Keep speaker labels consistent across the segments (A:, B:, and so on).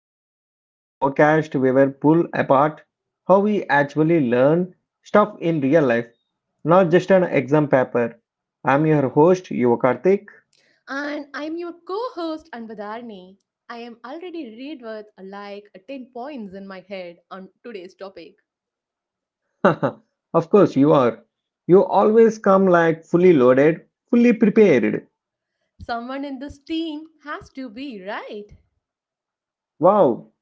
A: Learning, the podcast where we pull apart how we actually learn stuff in real life, not just an exam paper. I'm your host, Yuva Karthik.
B: And I'm your co host, Anvadarni. I am already read with like 10 points in my head on today's topic.
A: Of course, you are. You always come like fully loaded, fully prepared.
B: Someone in this team has to be right.
A: Wow,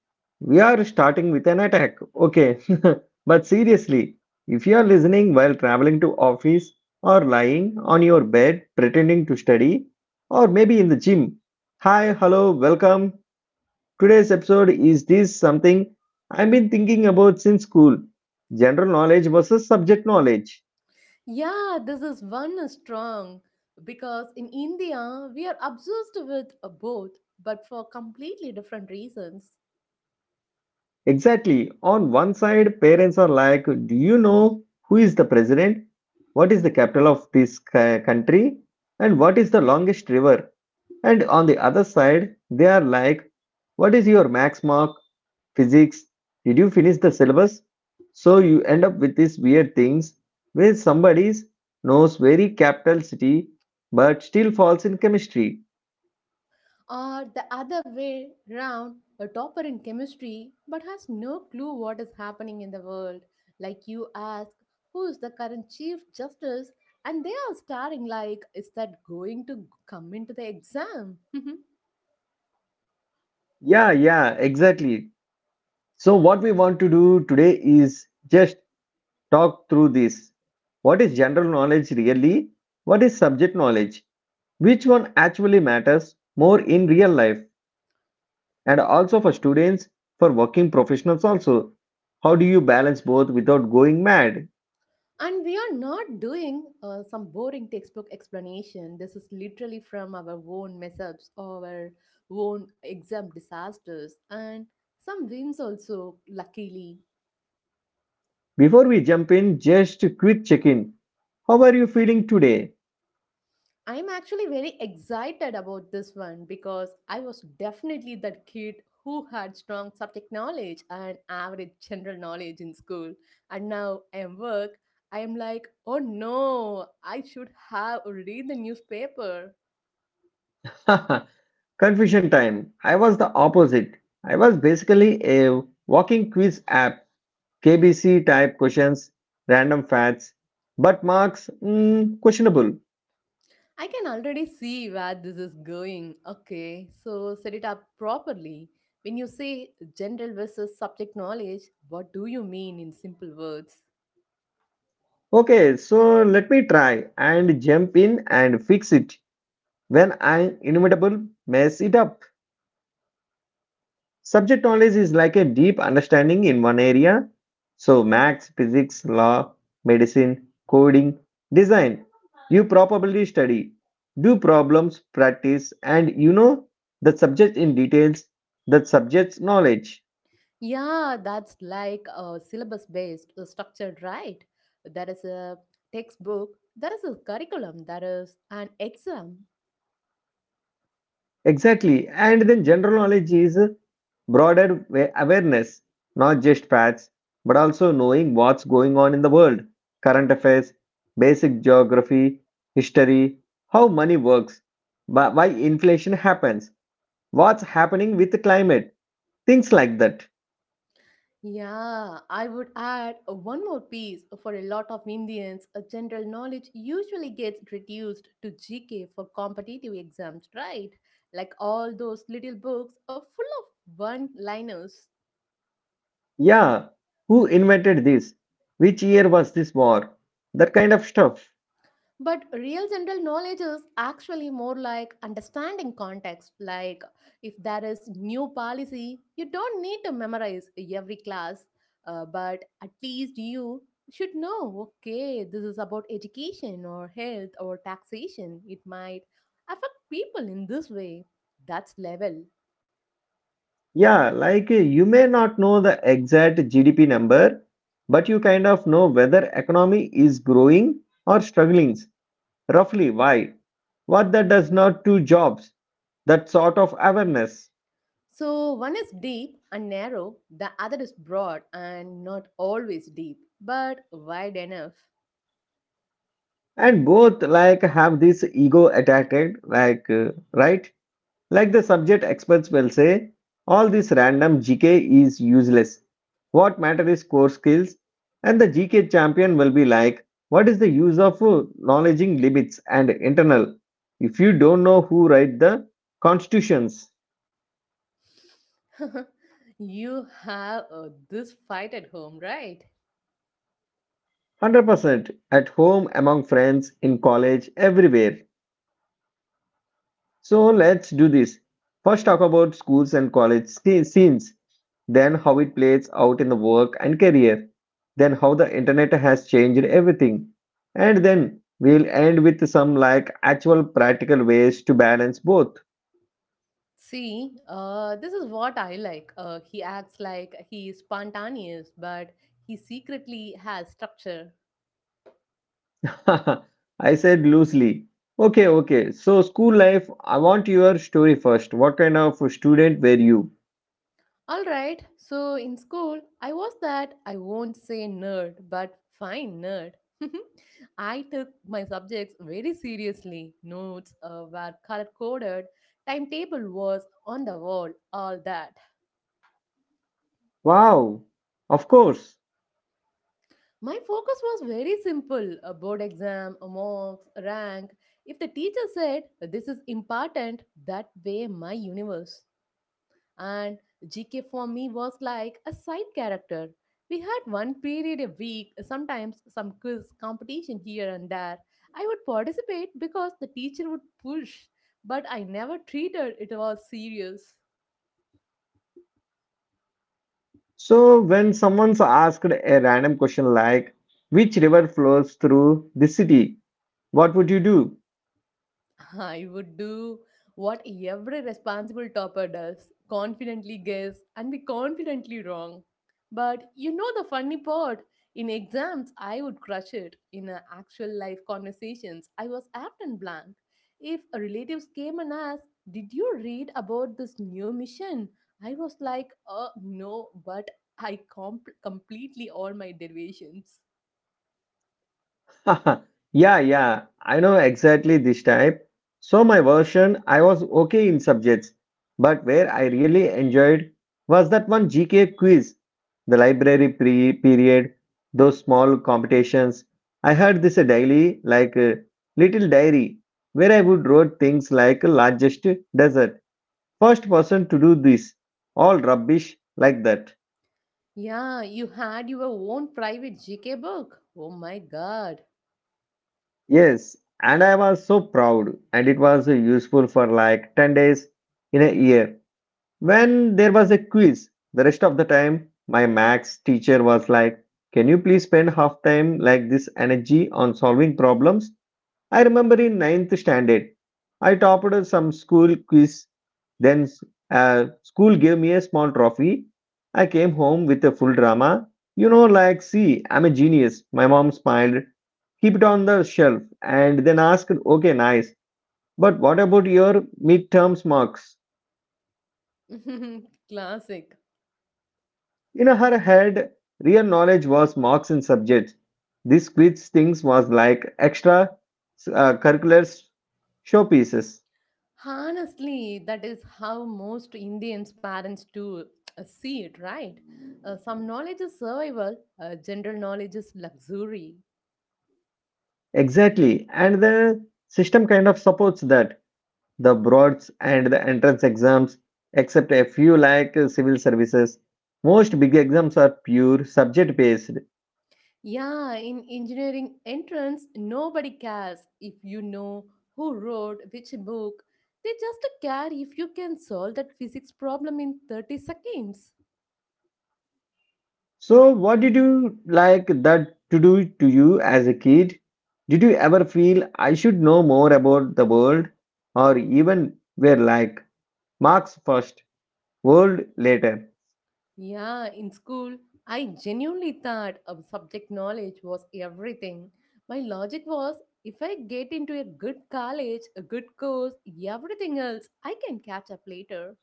A: we are starting with an attack. Okay. But seriously, if you are listening while traveling to office or lying on your bed pretending to study or maybe in the gym. Hi, hello, welcome. Today's episode is this something I've been thinking about since school. General knowledge versus subject knowledge.
B: Yeah, this is one strong because in India we are obsessed with both, but for completely different reasons.
A: Exactly. On one side, parents are like, "Do you know who is the president? What is the capital of this country? And what is the longest river?" And on the other side, they are like, what is your max mark? Physics? Did you finish the syllabus? So you end up with these weird things where somebody knows very capital city but still falls in chemistry.
B: Or the other way round, a topper in chemistry but has no clue what is happening in the world. Like you ask, who is the current Chief Justice? And they are staring like, is that going to come into the exam?
A: Yeah, yeah, exactly. So what we want to do today is just talk through this. What is general knowledge really? What is subject knowledge? Which one actually matters more in real life? And also for students, for working professionals also. How do you balance both without going mad?
B: And we are not doing some boring textbook explanation. This is literally from our own mess ups, our own exam disasters, and some wins also, luckily.
A: Before we jump in, just a quick check-in. How are you feeling today?
B: I'm actually very excited about this one because I was definitely that kid who had strong subject knowledge and average general knowledge in school. And now I am work, I am like, oh no, I should have read the newspaper.
A: Confusion time. I was the opposite. I was basically a walking quiz app, KBC type questions, random facts, but marks questionable.
B: I can already see where this is going. Okay, so set it up properly. When you say general versus subject knowledge, what do you mean in simple words?
A: Okay, so let me try and jump in and fix it. When I'm inimitable, mess it up. Subject knowledge is like a deep understanding in one area. So, maths, physics, law, medicine, coding, design. You probably study, do problems, practice, and you know the subject in details, that subject's knowledge.
B: Yeah, that's like a syllabus based structured, right? There is a textbook, there is a curriculum, there is an exam.
A: Exactly. And then general knowledge is broader awareness, not just facts, but also knowing what's going on in the world, current affairs, basic geography, history, how money works, why inflation happens, what's happening with the climate, things like that.
B: Yeah, I would add one more piece for a lot of Indians. General knowledge usually gets reduced to GK for competitive exams, right? Like all those little books are full of one liners.
A: Yeah, who invented this? Which year was this war? That kind of stuff.
B: But real general knowledge is actually more like understanding context. Like, if there is new policy, you don't need to memorize every class, but at least you should know okay, this is about education or health or taxation. It might affect people in this way. That's level.
A: Yeah, like you may not know the exact GDP number, but you kind of know whether economy is growing or struggling. Roughly why? What that does not to jobs, that sort of awareness.
B: So, one is deep and narrow, the other is broad and not always deep, but wide enough.
A: And both like have this ego attacked, like right? Like the subject experts will say, all this random GK is useless. What matter is core skills? And the GK champion will be like, what is the use of knowledging limits and internal if you don't know who write the constitutions?
B: you have this fight at home, right?
A: 100% at home, among friends, in college, everywhere. So let's do this. First, talk about schools and college scenes, then, how it plays out in the work and career, then, how the internet has changed everything, and then we'll end with some like actual practical ways to balance both.
B: See, this is what I like. He acts like he is spontaneous, but he secretly has structure.
A: I said loosely. Okay, okay. So, school life, I want your story first. What kind of student were you?
B: All right, so in school, I was that I won't say nerd, but fine nerd. I took my subjects very seriously. Notes were color coded, timetable was on the wall, all that.
A: Wow, of course.
B: My focus was very simple a board exam, a marks, a rank. If the teacher said this is important, that way my universe. And GK for me was like a side character. We had one period a week, sometimes some quiz competition here and there. I would participate because the teacher would push, but I never treated it was serious.
A: So, when someone's asked a random question like, which river flows through the city, what would you do?
B: I would do what every responsible topper does confidently guess and be confidently wrong. But you know the funny part? In exams, I would crush it. In actual life conversations, I was often blank. If a relatives came and asked, did you read about this new mission? I was like, no, but I completely all my derivations.
A: Yeah, yeah, I know exactly this type. So, my version, I was okay in subjects, but where I really enjoyed was that one GK quiz, the library period, those small competitions. I had this a daily, like a little diary, where I would write things like largest desert. First person to do this. All rubbish like that.
B: Yeah, you had your own private GK book. Oh my god.
A: Yes, and I was so proud, and it was useful for like 10 days in a year. When there was a quiz, the rest of the time, my max teacher was like, can you please spend half time like this energy on solving problems? I remember in ninth standard, I topped some school quiz. Then school gave me a small trophy. I came home with a full drama. You know, like, see, I'm a genius. My mom smiled, keep it on the shelf, and then asked, okay, nice. But what about your midterms marks?
B: Classic.
A: In her head, real knowledge was marks in subjects. This quiz things was like extra curricular showpieces.
B: Honestly, that is how most Indians' parents do see it, right? Some knowledge is survival, general knowledge is luxury.
A: Exactly. And the system kind of supports that. The broads and the entrance exams, except a few like civil services, most big exams are pure subject based.
B: Yeah, in engineering entrance, nobody cares if you know who wrote which book. They just care if you can solve that physics problem in 30 seconds.
A: So, what did you like that to do to you as a kid? Did you ever feel I should know more about the world? Or even were like marks first, world later?
B: Yeah, in school, I genuinely thought of subject knowledge was everything. My logic was if I get into a good college, a good course, everything else, I can catch up later.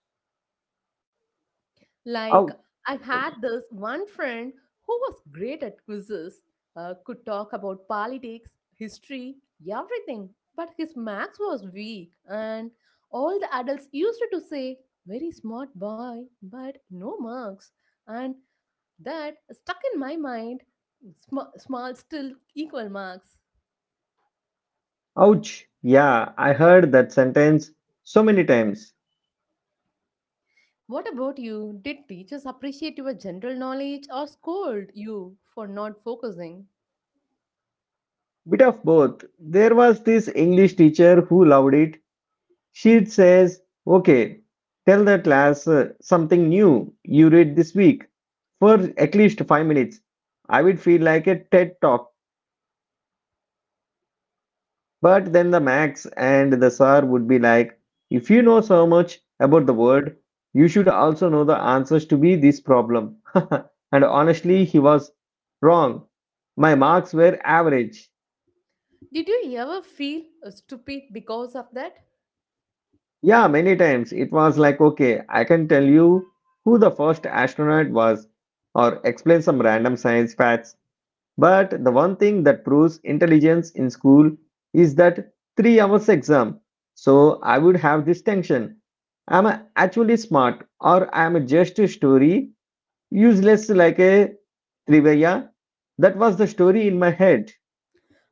B: Like,
A: Ouch.
B: I had this one friend who was great at quizzes, could talk about politics, history, everything, but his maths was weak, and all the adults used to say, very smart boy, but no marks. And that stuck in my mind. Small, still equal marks.
A: Ouch. Yeah, I heard that sentence so many times.
B: What about you? Did teachers appreciate your general knowledge or scold you for not focusing?
A: Bit of both. There was this English teacher who loved it. She'd says, "Okay, tell the class something new you read this week for at least 5 minutes." I would feel like a TED talk, but then the Max and the Sir would be like, "If you know so much about the word, you should also know the answers to be this problem." And honestly, he was wrong. My marks were average.
B: Did you ever feel stupid because of that?
A: Yeah, many times it was like, okay, I can tell you who the first astronaut was or explain some random science facts. But the one thing that proves intelligence in school is that 3 hours exam. So I would have this tension. Am I actually smart or am I just a story, useless like a trivia. That was the story in my head.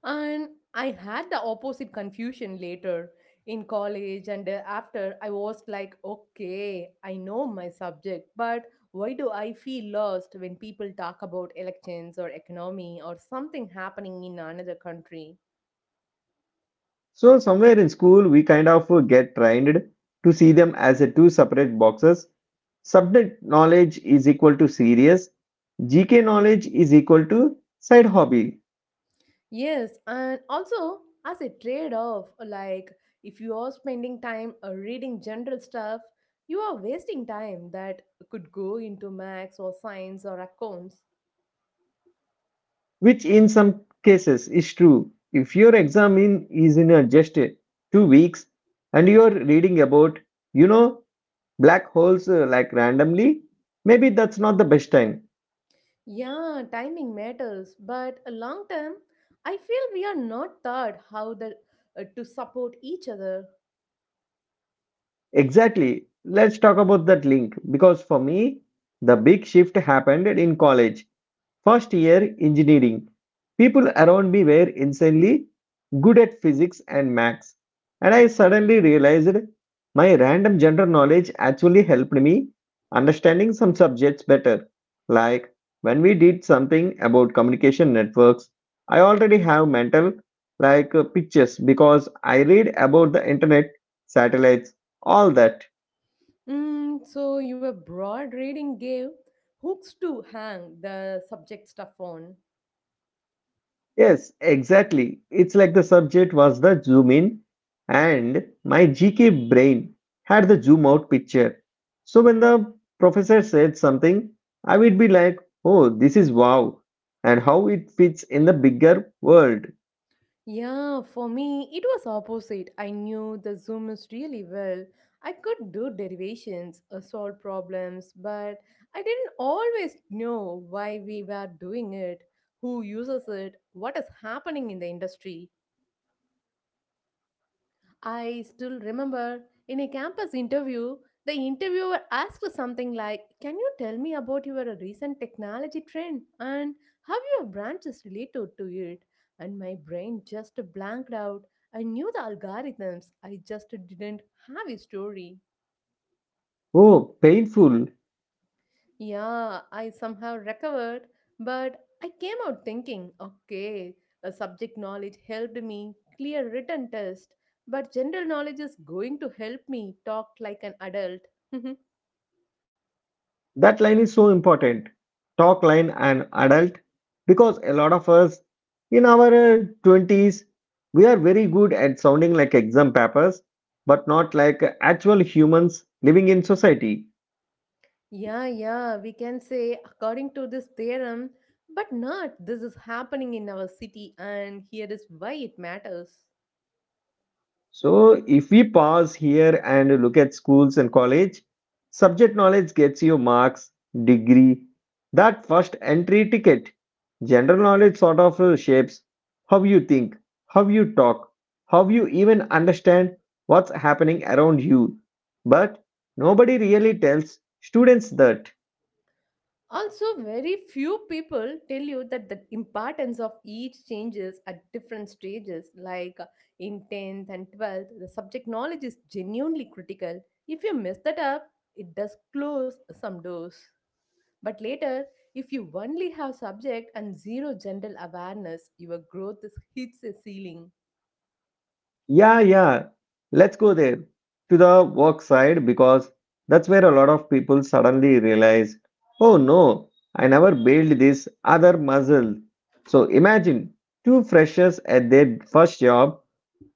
B: And I had the opposite confusion later in college and after I was like, okay, I know my subject, but why do I feel lost when people talk about elections or economy or something happening in another country?
A: So somewhere in school, we kind of get trained to see them as a two separate boxes. Subject knowledge is equal to serious. GK knowledge is equal to side hobby,
B: Yes, and also as a trade off, like if you are spending time reading general stuff, you are wasting time that could go into maths or science or accounts.
A: which in some cases is true. If your exam in, is in a just 2 weeks and you are reading about, you know, black holes like randomly, maybe that's not the best time.
B: Yeah, timing matters, but long term, I feel we are not taught how the, to support each other.
A: Exactly. Let's talk about that link because for me, the big shift happened in college. First year engineering. People around me were insanely good at physics and maths, and I suddenly realized my random general knowledge actually helped me understanding some subjects better. Like when we did something about communication networks, I already have mental like pictures because I read about the internet, satellites, all that.
B: Mm, so, your broad reading gave hooks to hang the subject stuff on.
A: Yes, exactly. It's like the subject was the zoom in, and my GK brain had the zoom out picture. So when the professor said something, I would be like, oh, this is wow, and how it fits in the bigger world.
B: Yeah, for me, it was opposite. I knew the zooms really well. I could do derivations, solve problems, but I didn't always know why we were doing it, who uses it, what is happening in the industry. I still remember in a campus interview, the interviewer asked something like, can you tell me about your recent technology trend and how your branch is related to it? And my brain just blanked out. I knew the algorithms, I just didn't have a story.
A: Oh, painful.
B: Yeah, I somehow recovered, but I came out thinking, okay, a subject knowledge helped me clear written test, but general knowledge is going to help me talk like an adult.
A: That line is so important. Talk line and adult because a lot of us in our 20s we are very good at sounding like exam papers but not like actual humans living in society.
B: yeah, yeah, we can say according to this theorem, but not this is happening in our city and here is why it matters.
A: So if we pause here and look at schools and college, subject knowledge gets you marks, degree, that first entry ticket. General knowledge sort of shapes how you think, how you talk, how you even understand what's happening around you. But nobody really tells students that.
B: Also, very few people tell you that the importance of each changes at different stages, like in 10th and 12th, the subject knowledge is genuinely critical. If you mess that up, it does close some doors. But later, if you only have subject and zero general awareness, your growth is, hits a ceiling.
A: Yeah, yeah. Let's go there to the work side because that's where a lot of people suddenly realize, oh no, I never built this other muscle. So imagine two freshers at their first job.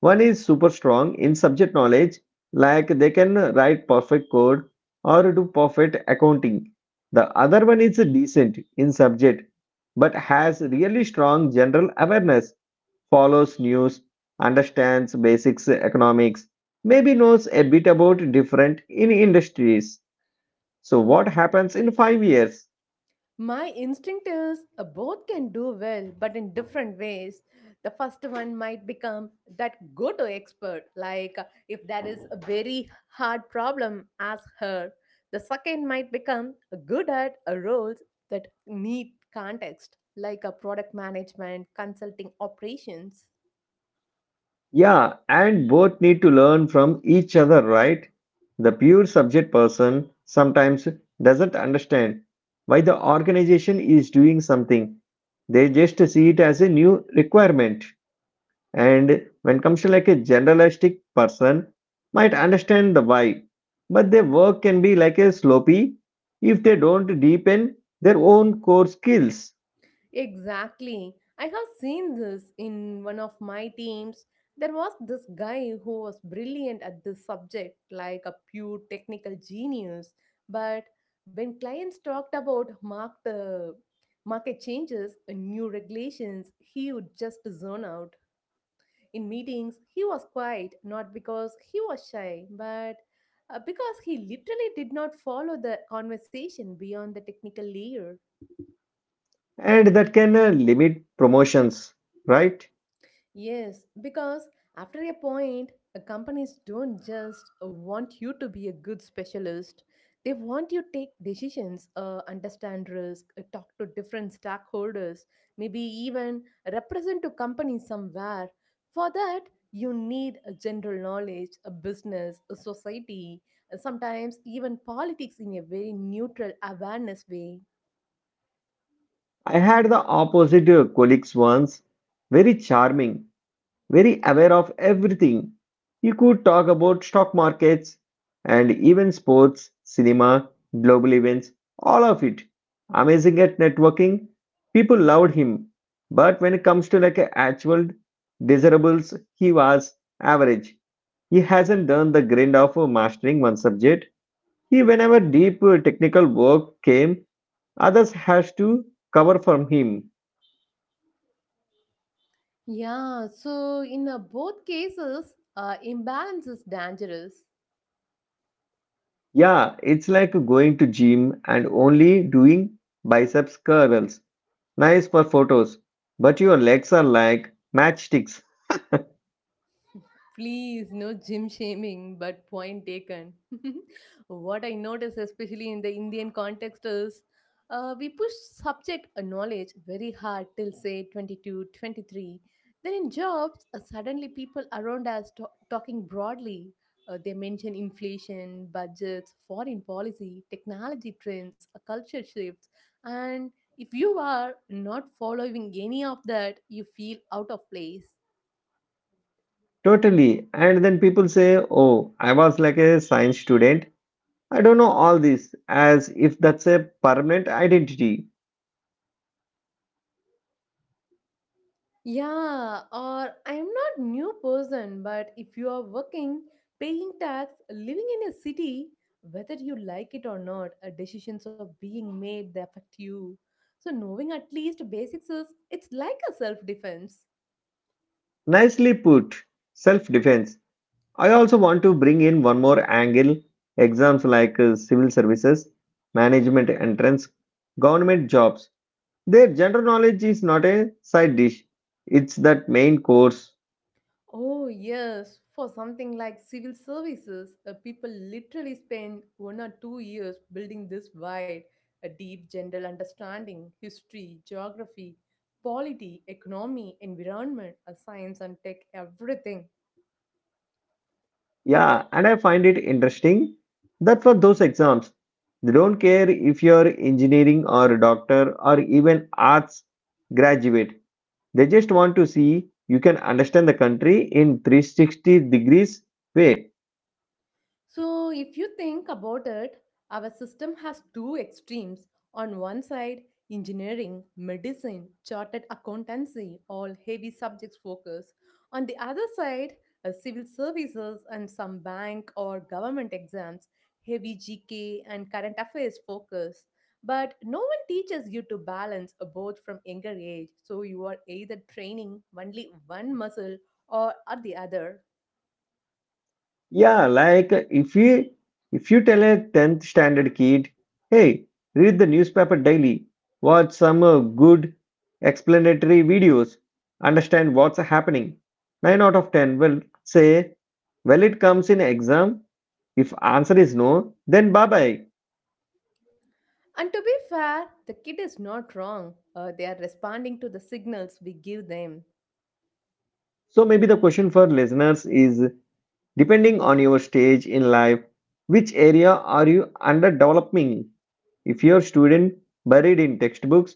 A: One is super strong in subject knowledge, like they can write perfect code or do perfect accounting. The other one is decent in subject but has really strong general awareness follows news, understands basics economics, maybe knows a bit about different in industries. So what happens in 5 years?
B: My instinct is both can do well, but in different ways. The first one might become that go to expert, like if that is a very hard problem, ask her. The second might become good at roles that need context, like a product management, consulting operations.
A: Yeah, and both need to learn from each other, right? The pure subject person sometimes doesn't understand why the organization is doing something. They just see it as a new requirement. And when comes to like a generalistic person might understand the why, but their work can be like a sloppy if they don't deepen their own core skills,
B: Exactly. I have seen this in one of my teams. There was this guy who was brilliant at this subject, like a pure technical genius. But when clients talked about market changes and new regulations, he would just zone out. In meetings, he was quiet, not because he was shy, but because he literally did not follow the conversation beyond the technical layer.
A: and that can limit promotions, right?
B: Yes, because after a point, companies don't just want you to be a good specialist. They want you to take decisions, understand risk, talk to different stakeholders, maybe even represent to companies somewhere. For that, you need a general knowledge, a business, a society, and sometimes even politics in a very neutral awareness way.
A: I had the opposite colleagues once, very charming very aware of everything. He could talk about stock markets and even sports, cinema, global events, all of it. Amazing at networking. People loved him. But when it comes to like actual desirables, he was average. He hasn't done the grind of mastering one subject. He, whenever deep technical work came, others has to cover from him.
B: Yeah, so in both cases, imbalance is dangerous.
A: Yeah, it's like going to gym and only doing biceps curls. Nice for photos, but your legs are like matchsticks.
B: Please, no gym shaming, but point taken. what I notice, especially in the Indian context, is we push subject knowledge very hard till say 22, 23. Then in jobs, suddenly people around us talking broadly. They mention inflation, budgets, foreign policy, technology trends, culture shifts, and if you are not following any of that, you feel out of place.
A: Totally. And then people say, "Oh, I was like a science student. I don't know all this," as if that's a permanent identity.
B: Yeah, or I'm not new person, but if you are working, paying tax, living in a city, whether you like it or not, decisions are being made that affect you. So knowing at least basics is it's like a self-defense.
A: Nicely put. Self-defense. I also want to bring in one more angle. Exams like civil services, management entrance, government jobs. Their general knowledge is not a side dish, it's that main course.
B: Oh, yes. For something like civil services, people literally spend 1 or 2 years building this wide, a deep general understanding, history, geography, polity, economy, environment, science, and tech, everything.
A: Yeah, and I find it interesting that for those exams, they don't care if you're engineering or a doctor or even arts graduate. They just want to see you can understand the country in 360 degrees way.
B: So, if you think about it, our system has two extremes. On one side, engineering, medicine, chartered accountancy, all heavy subjects focus. On the other side, civil services and some bank or government exams, heavy GK and current affairs focus. But no one teaches you to balance both from younger age, so you are either training only one muscle or at the other.
A: Yeah, like if you tell a 10th standard kid, hey, read the newspaper daily, watch some good explanatory videos, understand what's happening. 9 out of 10 will say, well, it comes in exam. If answer is no, then bye-bye.
B: And to be fair, the kid is not wrong. They are responding to the signals we give them.
A: So maybe the question for listeners is, depending on your stage in life, which area are you underdeveloping? If you're student buried in textbooks,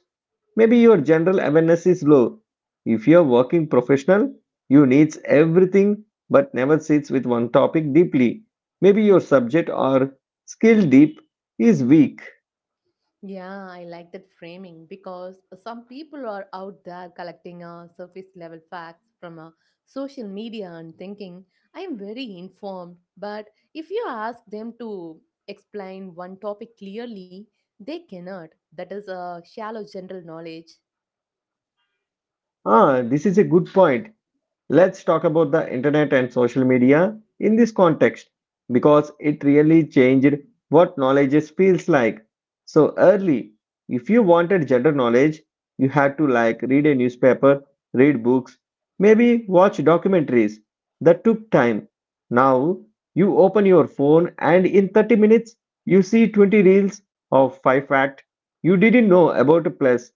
A: maybe your general awareness is low. If you're working professional, you needs everything but never sits with one topic deeply. Maybe your subject or skill deep is weak.
B: Yeah, I like that framing because some people are out there collecting surface level facts from social media and thinking, I am very informed. But if you ask them to explain one topic clearly, they cannot. That is a shallow general knowledge.
A: Ah, this is a good point. Let's talk about the internet and social media in this context because it really changed feels like. So early, if you wanted general knowledge, you had to like read a newspaper, read books, maybe watch documentaries. That took time. Now, you open your phone and in 30 minutes you see 20 reels of 5 fact you didn't know about, plus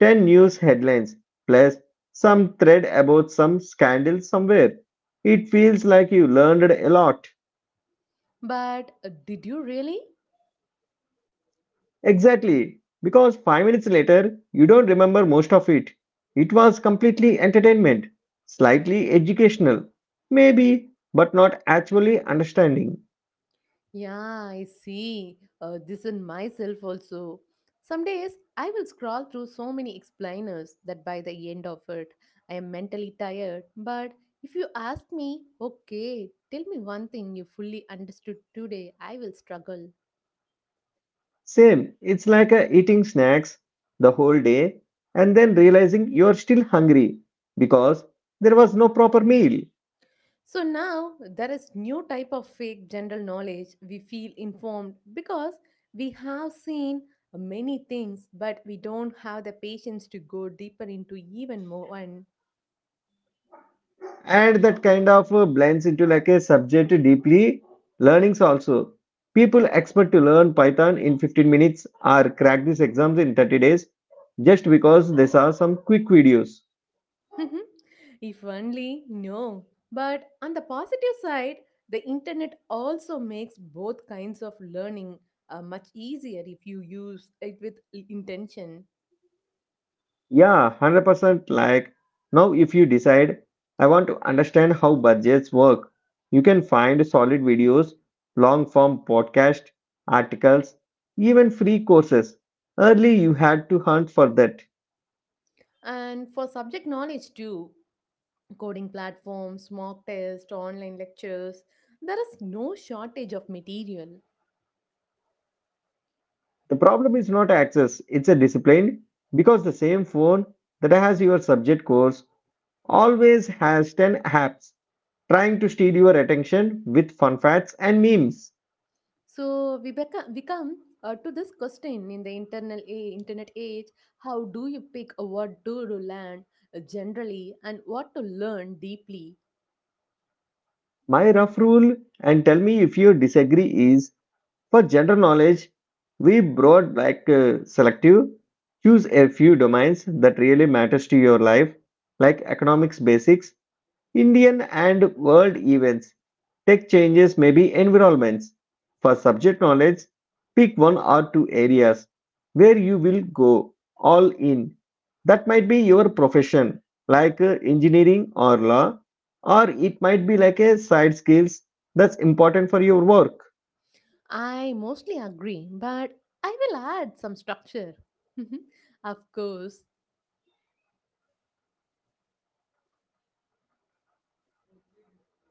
A: ten news headlines, plus some thread about some scandal somewhere. It feels like you learned a lot.
B: But did you really?
A: Exactly, because 5 minutes later, you don't remember most of it. It was completely entertainment, slightly educational, maybe, but not actually understanding.
B: Yeah, I see. This in myself also. Some days I will scroll through so many explainers that by the end of it, I am mentally tired. But if you ask me, okay, tell me one thing you fully understood today, I will struggle.
A: Same, it's like eating snacks the whole day and then realizing you're still hungry because there was no proper meal.
B: So now there is new type of fake general knowledge. We feel informed because we have seen many things, but we don't have the patience to go deeper into even more.
A: And that kind of blends into like a subject deeply learnings also. People expect to learn python in 15 minutes or crack these exams in 30 days just because they saw some quick videos.
B: if only, no. But on the positive side, the internet also makes both kinds of learning much easier if you use it with intention.
A: Yeah, 100%, like now if you decide I want to understand how budgets work, you can find solid videos, long form podcast, articles, even free courses. Early you had to hunt for that.
B: And for subject knowledge too, coding platforms, mock tests, online lectures, there is no shortage of material.
A: The problem is not access, it's a discipline because the same phone that has your subject course always has 10 apps trying to steal your attention with fun facts and memes.
B: So we come to this question in the internet age: how do you pick what to learn generally and what to learn deeply?
A: My rough rule, and tell me if you disagree, is for general knowledge, we brought like selective. Choose a few domains that really matters to your life, like economics basics, Indian and world events, tech changes, may be environments. For subject knowledge, pick one or two areas where you will go all in. That might be your profession, like engineering or law, or it might be like a side skills that's important for your work.
B: I mostly agree, but I will add some structure. of course,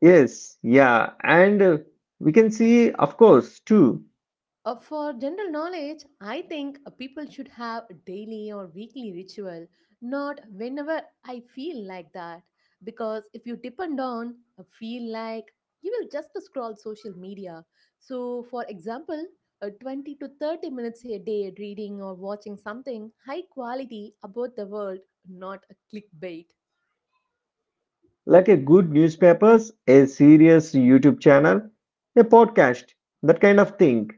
A: Yes, yeah, and we can see, of course, too,
B: For general knowledge, I think people should have a daily or weekly ritual, not whenever I feel like that. Because if you depend on a feel like, you will just scroll social media. So, for example, 20 to 30 minutes a day reading or watching something high quality about the world, not a clickbait.
A: like a good newspapers, a serious YouTube channel, a podcast, that kind of thing.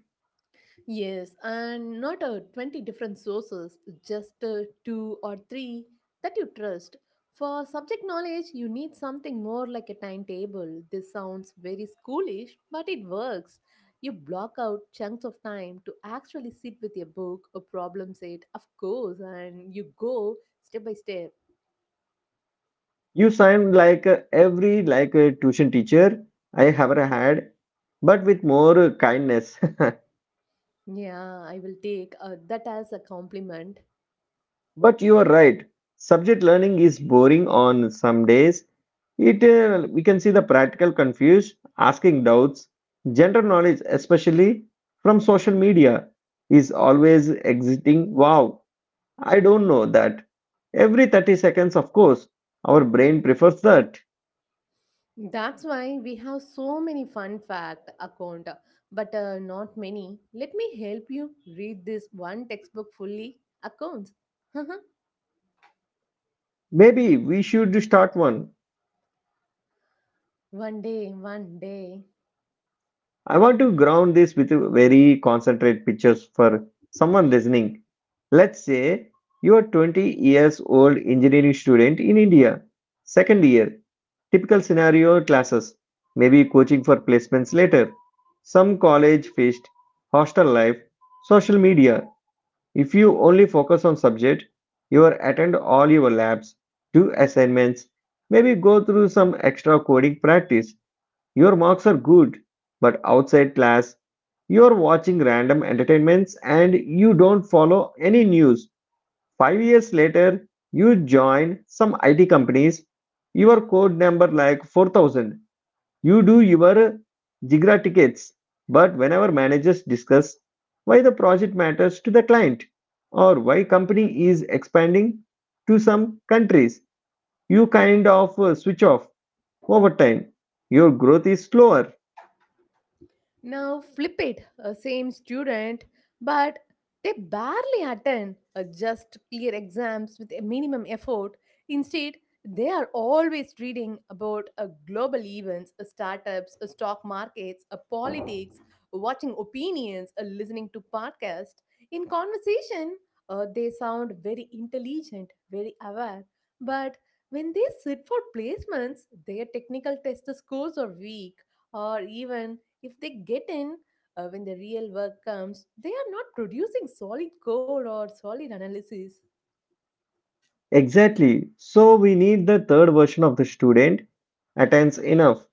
B: Yes, and not a 20 different sources, just two or three that you trust. For subject knowledge, you need something more like a timetable. This sounds very schoolish, but it works. You block out chunks of time to actually sit with your book or problem set, of course, and you go step by step.
A: You sound like every like tuition teacher I ever had, but with more kindness.
B: Yeah, I will take that as a compliment.
A: But you are right. Subject learning is boring on some days. It we can see the practical confused, asking doubts. General knowledge, especially from social media, is always exiting. Wow, I don't know that. Every 30 seconds, of course, our brain prefers that.
B: That's why we have so many fun fact account, but not many. Let me help you read this one textbook fully accounts.
A: Maybe we should start one.
B: one day, one day.
A: I want to ground this with very concentrate pictures for someone listening. Let's say you are 20 years old engineering student in India, second year, typical scenario classes, maybe coaching for placements later, some college feast, hostel life, social media. If you only focus on subject, you are attend all your labs, do assignments, maybe go through some extra coding practice. Your marks are good, but outside class, you're watching random entertainments and you don't follow any news. 5 years later, you join some IT companies, your code number like 4,000. You do your Jigra tickets, but whenever managers discuss why the project matters to the client or why company is expanding to some countries, you kind of switch off over time. Your growth is slower.
B: Now flip it, a same student, but they barely attend just clear exams with a minimum effort. Instead, they are always reading about global events, startups, stock markets, politics, watching opinions, listening to podcasts. In conversation, they sound very intelligent, very aware, but when they sit for placements, their technical test scores are weak or even if they get in when the real work comes, they are not producing solid code or solid analysis.
A: Exactly. So we need the third version of the student attends enough,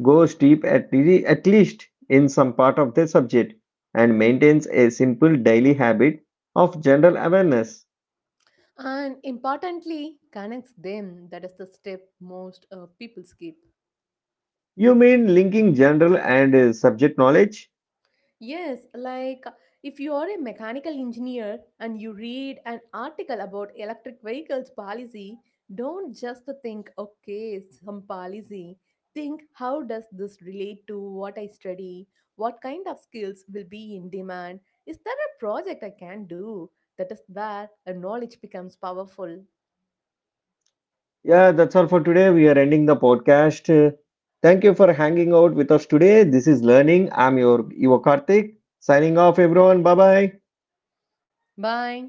A: goes deep at, at least in some part of the subject, and maintains a simple daily habit of general awareness.
B: And importantly, connects them. That is the step most people skip.
A: You mean linking general and subject knowledge?
B: Yes, like if you are a mechanical engineer and you read an article about electric vehicles policy, don't just think, okay, some policy. Think, how does this relate to what I study? What kind of skills will be in demand? Is there a project I can do? That is where a knowledge becomes powerful.
A: Yeah, that's all for today. We are ending the podcast. Thank you for hanging out with us today. This is Learning. I'm your Karthik. Signing off, everyone. Bye bye.
B: Bye.